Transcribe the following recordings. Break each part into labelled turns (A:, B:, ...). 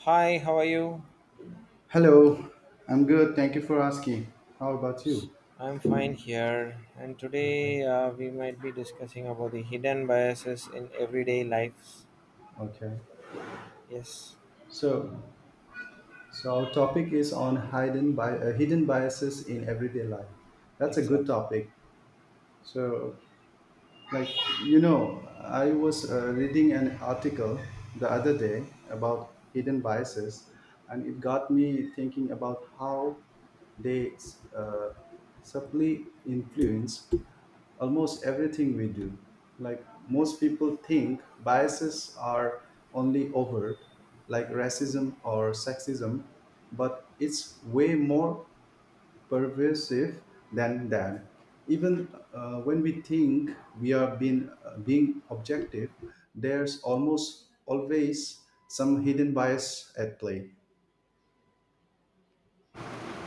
A: Hi, how are you?
B: Hello, I'm good. Thank you for asking. How about you?
A: I'm fine here, and
B: Okay.
A: today we might be discussing about the hidden biases in everyday lives.
B: Okay.
A: Yes,
B: So, so, our topic is on hidden biases in everyday life. That's a good
A: exactly.
B: topic. So, like you know I was reading an article the other day about hidden biases, and it got me thinking about how they uh, subtly influence almost everything we do. Like most people think biases are only overt, like racism or sexism, but it's way more pervasive than that. Even when we think we are being objective, there's almost always some hidden bias at play.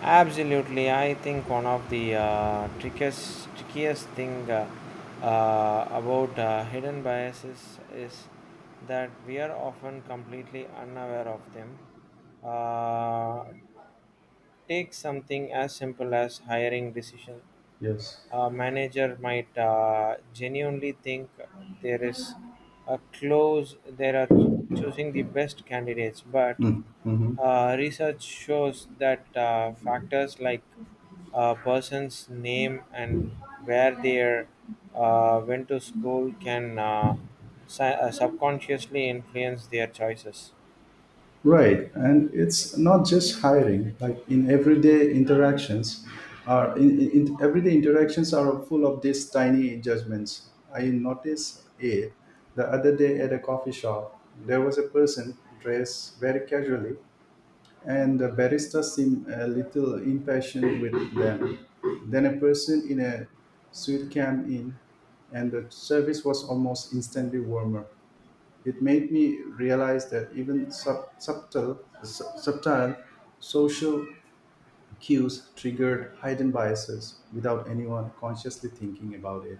A: Absolutely, I think one of the trickiest trickiest thing about hidden biases is that we are often completely unaware of them. Uh, Take something as simple as hiring decision,
B: Yes.
A: a manager might genuinely think there is a close there are choosing the best candidates, but
B: Mhm.
A: research shows that factors like a person's name and where they are, went to school can subconsciously influence their choices.
B: Right, and it's not just hiring. Like in everyday interactions, are in- everyday interactions are full of these tiny judgments. I noticed it the other day at a coffee shop. There was a person dressed very casually, and the barista seemed a little impatient with them. Then a person in a suit came in, and the service was almost instantly warmer. It made me realize that even subtle, subtle social cues triggered hidden biases without anyone consciously thinking about it.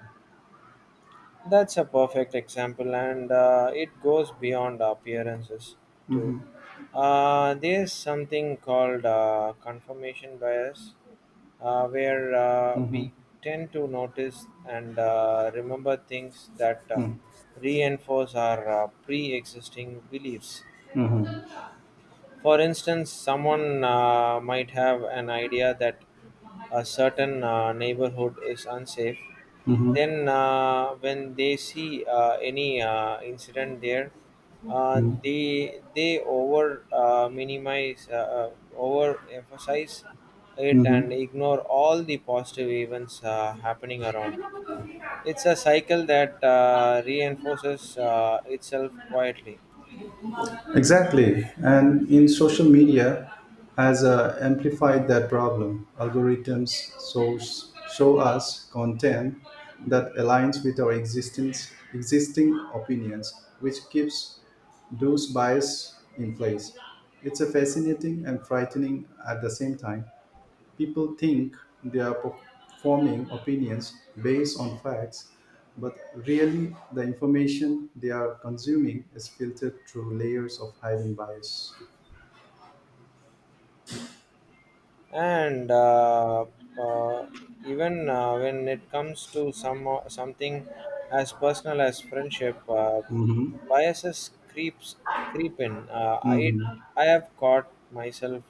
A: That's a perfect example, and it goes beyond appearances too. There's something called confirmation bias, where we tend to notice and remember things that reinforce our pre existing beliefs.
B: Mhm,
A: For instance, someone might have an idea that a certain neighborhood is unsafe,
B: mhm,
A: then when they see any incident there, they over minimize, over emphasize it and
B: mhm.
A: ignore all the positive events happening around. It's a cycle that reinforces itself quietly.
B: Exactly. And in social media has amplified that problem. Algorithms show us content that aligns with our existing opinions, which keeps those bias in place. It's a fascinating and frightening at the same time. People think they are forming opinions based on facts, but really the information they are consuming is filtered through layers of hidden bias.
A: And uh, uh, even when it comes to some something as personal as friendship, uh,
B: Mhm.
A: biases creeps creep in. uh, i
B: Mhm.
A: i have caught myself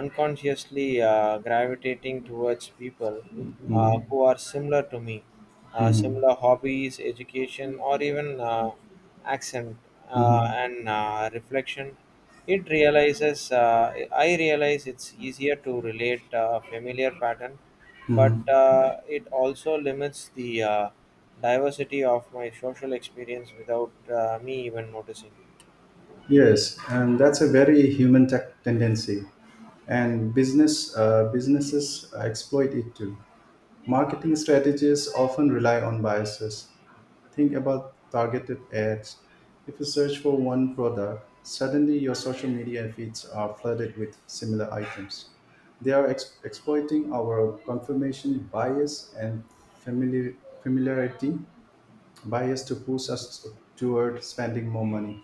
A: unconsciously gravitating towards people
B: Mhm.
A: who are similar to me,
B: Mhm.
A: similar hobbies, education, or even accent
B: Mhm.
A: and reflection. I realize it's easier to relate a familiar pattern, but it also limits the diversity of my social experience without me even noticing.
B: Yes, and that's a very human tech tendency, and businesses exploit it too. Marketing strategies often rely on biases. Think about targeted ads. If you search for one product, suddenly your social media feeds are flooded with similar items. They are exploiting our confirmation bias and familiar- familiarity bias to push us toward spending more money.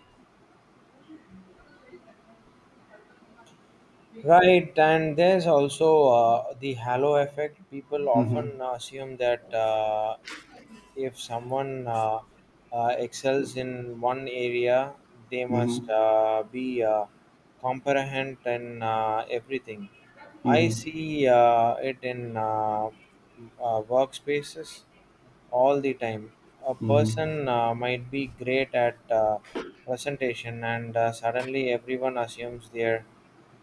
A: Right, and there's also the halo effect. People
B: Mhm,
A: often assume that if someone excels in one area, they must
B: mhm.
A: be comprehend in everything. I
B: Mm-hmm,
A: see it in workspaces all the time. A
B: mm-hmm,
A: person might be great at presentation, and suddenly everyone assumes they're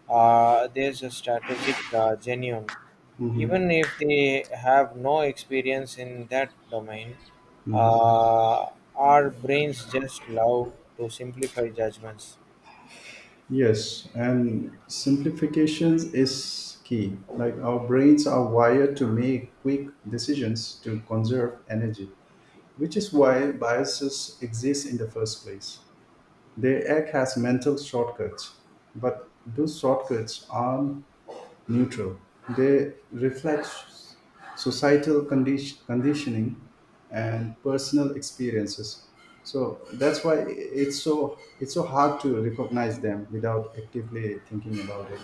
A: there's a strategic genuine.
B: mm-hmm,
A: Even if they have no experience in that domain,
B: mm-hmm.
A: uh, our brains just love to simplify judgments.
B: Yes, and simplifications is key. Like our brains are wired to make quick decisions to conserve energy, which is why biases exist in the first place. The egg has mental shortcuts, but those shortcuts aren't neutral. They reflect societal conditioning and personal experiences. So that's why it's so hard to recognize them without actively thinking about it.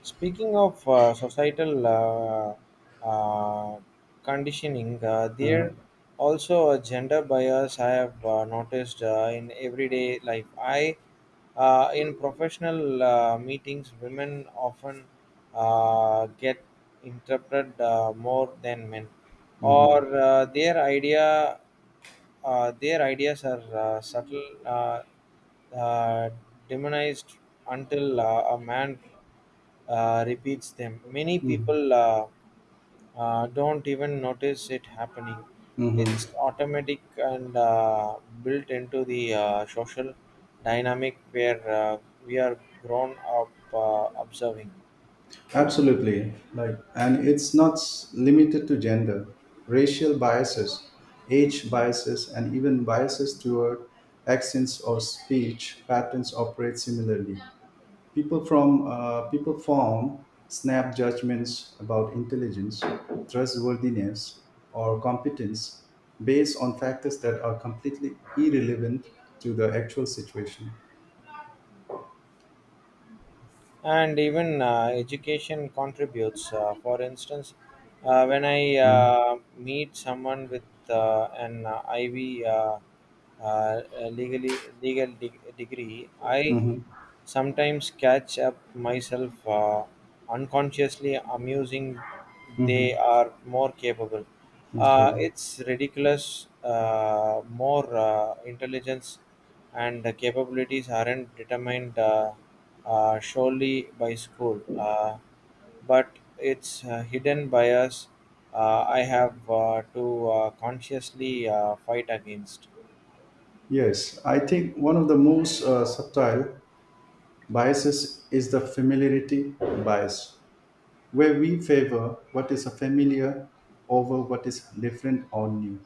A: Speaking of societal uh, conditioning,
B: Uh,
A: there also a gender bias I have noticed in everyday life. I In professional meetings, women often get interpreted more than men, or their ideas are subtle, uh, demonized until a man repeats them. Many
B: mm,
A: people don't even notice it happening.
B: mhm.
A: It's automatic and built into the social dynamic where we are grown up observing.
B: Absolutely. Like, and it's not limited to gender, racial biases, age biases, and even biases toward accents or speech patterns operate similarly. People form snap judgments about intelligence, trustworthiness, or competence based on factors that are completely irrelevant to the actual situation.
A: And even education contributes. For instance, when I meet someone with an IV a legally legal de- degree, I
B: Mm-hmm.
A: sometimes catch up myself unconsciously amusing they are more capable.
B: Okay.
A: It's ridiculous. More intelligence and capabilities aren't determined solely by school, but it's hidden bias I have to consciously fight against.
B: Yes, I think one of the most subtle biases is the familiarity bias, where we favor what is familiar over what is different or new.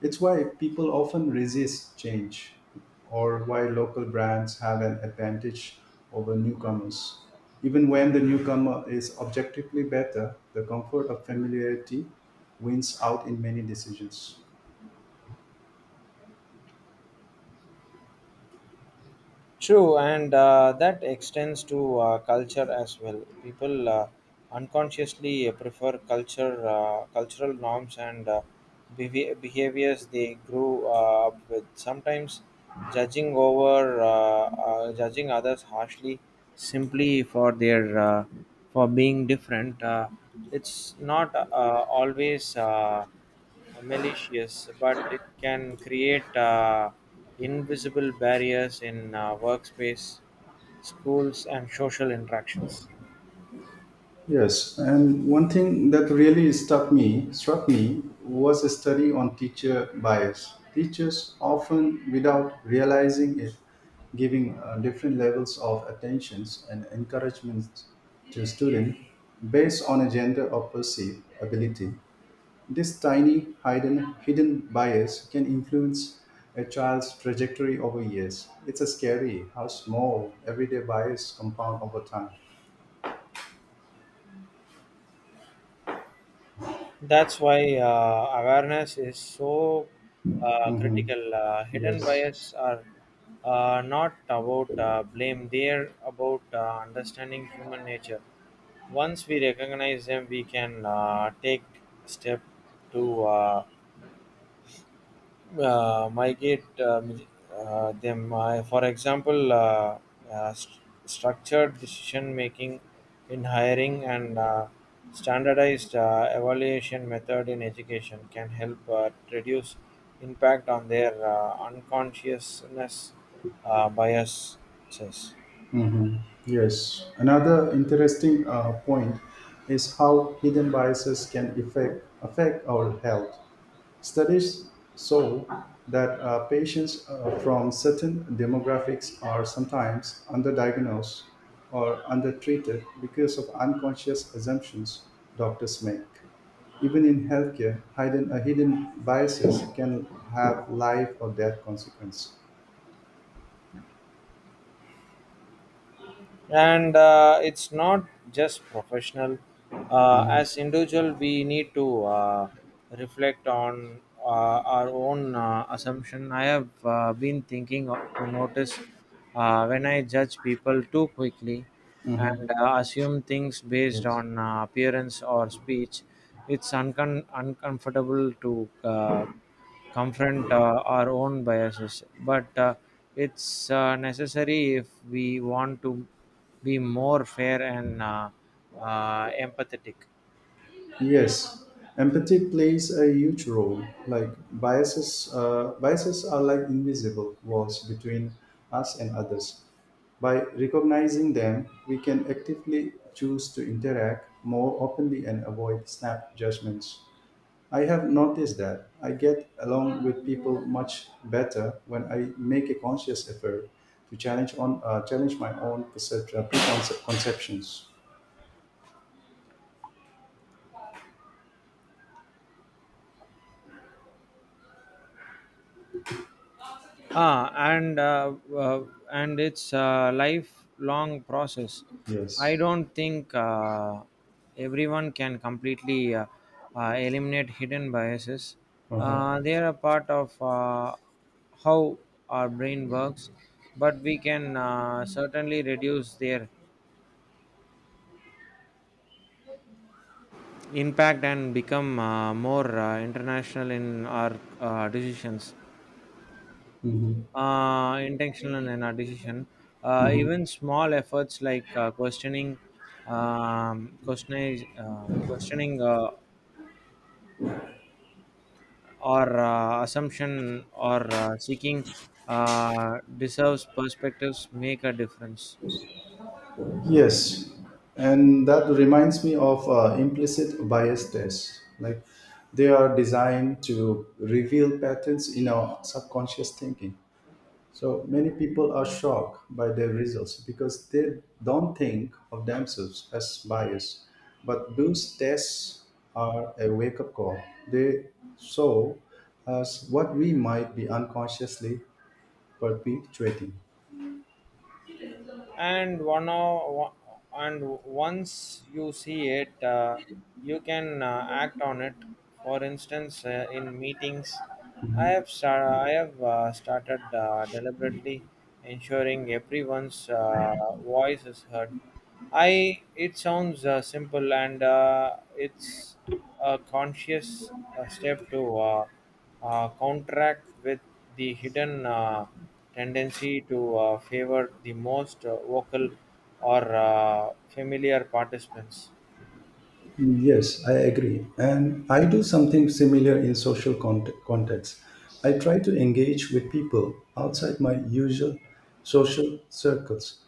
B: It's why people often resist change, or why local brands have an advantage over newcomers. Even when the newcomer is objectively better, the comfort of familiarity wins out in many decisions.
A: True, and that extends to culture as well. People unconsciously prefer cultural norms, and behaviors they grew up with. Sometimes judging others harshly simply for their for being different. It's not always malicious, but it can create invisible barriers in workspace, schools, and social interactions.
B: Yes, and one thing that really struck me was a study on teacher bias. Teachers often, without realizing it, giving different levels of attentions and encouragements to students based on a gender or perceived ability. This tiny hidden bias can influence a child's trajectory over years. It's a scary how small everyday bias compound over time.
A: That's why awareness is so
B: Mhm.
A: critical. Hidden
B: Yes.
A: bias are not about blame, they're about understanding human nature. Once we recognize them, we can take step to migrate them. For example, uh, st- structured decision making in hiring and standardized evaluation method in education can help reduce impact on their unconsciousness biases.
B: Yes, another interesting point is how hidden biases can affect our health. Studies show that patients from certain demographics are sometimes underdiagnosed or undertreated because of unconscious assumptions doctors make. Even in healthcare, hidden biases can have life or death consequence.
A: And it's not just professional,
B: Mhm,
A: as individual we need to reflect on our own assumption. I have been thinking to notice when I judge people too quickly
B: mhm,
A: and assume things based
B: yes.
A: on appearance or speech. It's uncomfortable to confront our own biases, but it's necessary if we want to be more fair and empathetic.
B: Yes, empathy plays a huge role. Like biases are like invisible walls between us and others. By recognizing them, we can actively choose to interact more openly and avoid snap judgments. I have noticed that I get along with people much better when I make a conscious effort to challenge my own perception, preconceptions.
A: Ah, and uh, uh, and it's a lifelong process. I
B: Yes.
A: don't think everyone can completely eliminate hidden biases.
B: Uh-huh.
A: They are a part of how our brain works, but we can certainly reduce their impact and become more international in our decisions.
B: Mhm.
A: Intentional and our decision. Even small efforts like questioning, or assumption, or seeking uh, deserves perspectives make a difference.
B: Yes, and that reminds me of implicit bias tests. Like they are designed to reveal patterns in our subconscious thinking. So many people are shocked by their results because they don't think of themselves as biased. But those tests are a wake up call. They show us what we might be unconsciously perpetuating.
A: and one o- and once you see it, you can act on it. For instance, in meetings, I have started deliberately ensuring everyone's voice is heard. I It sounds simple, and it's a conscious step to contract with the hidden tendency to favor the most vocal or familiar participants.
B: Yes, I agree. And I do something similar in social contexts. I try to engage with people outside my usual social circles.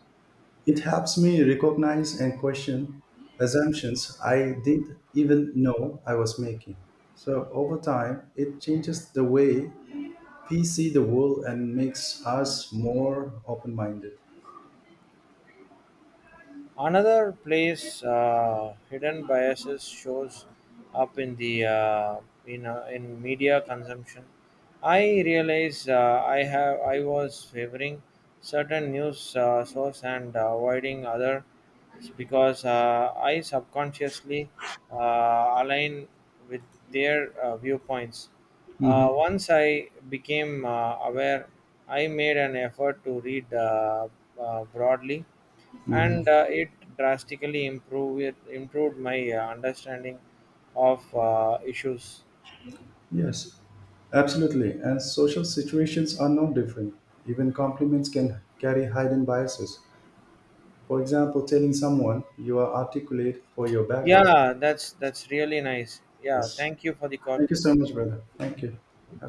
B: It helps me recognize and question assumptions I didn't even know I was making. So over time, it changes the way we see the world and makes us more open minded.
A: Another place hidden biases shows up in the in media consumption. I realize I was favoring certain news source and avoiding others because I subconsciously uh, align with their viewpoints. Once I became aware, I made an effort to read broadly, and it improved my understanding of issues.
B: Yes, absolutely. And social situations are no different. Even compliments can carry hidden biases. For example, telling someone you are articulate for your background.
A: Yeah, that's really nice. Yeah,
B: Yes.
A: thank you for the call.
B: Thank you so much, brother. Thank you. Have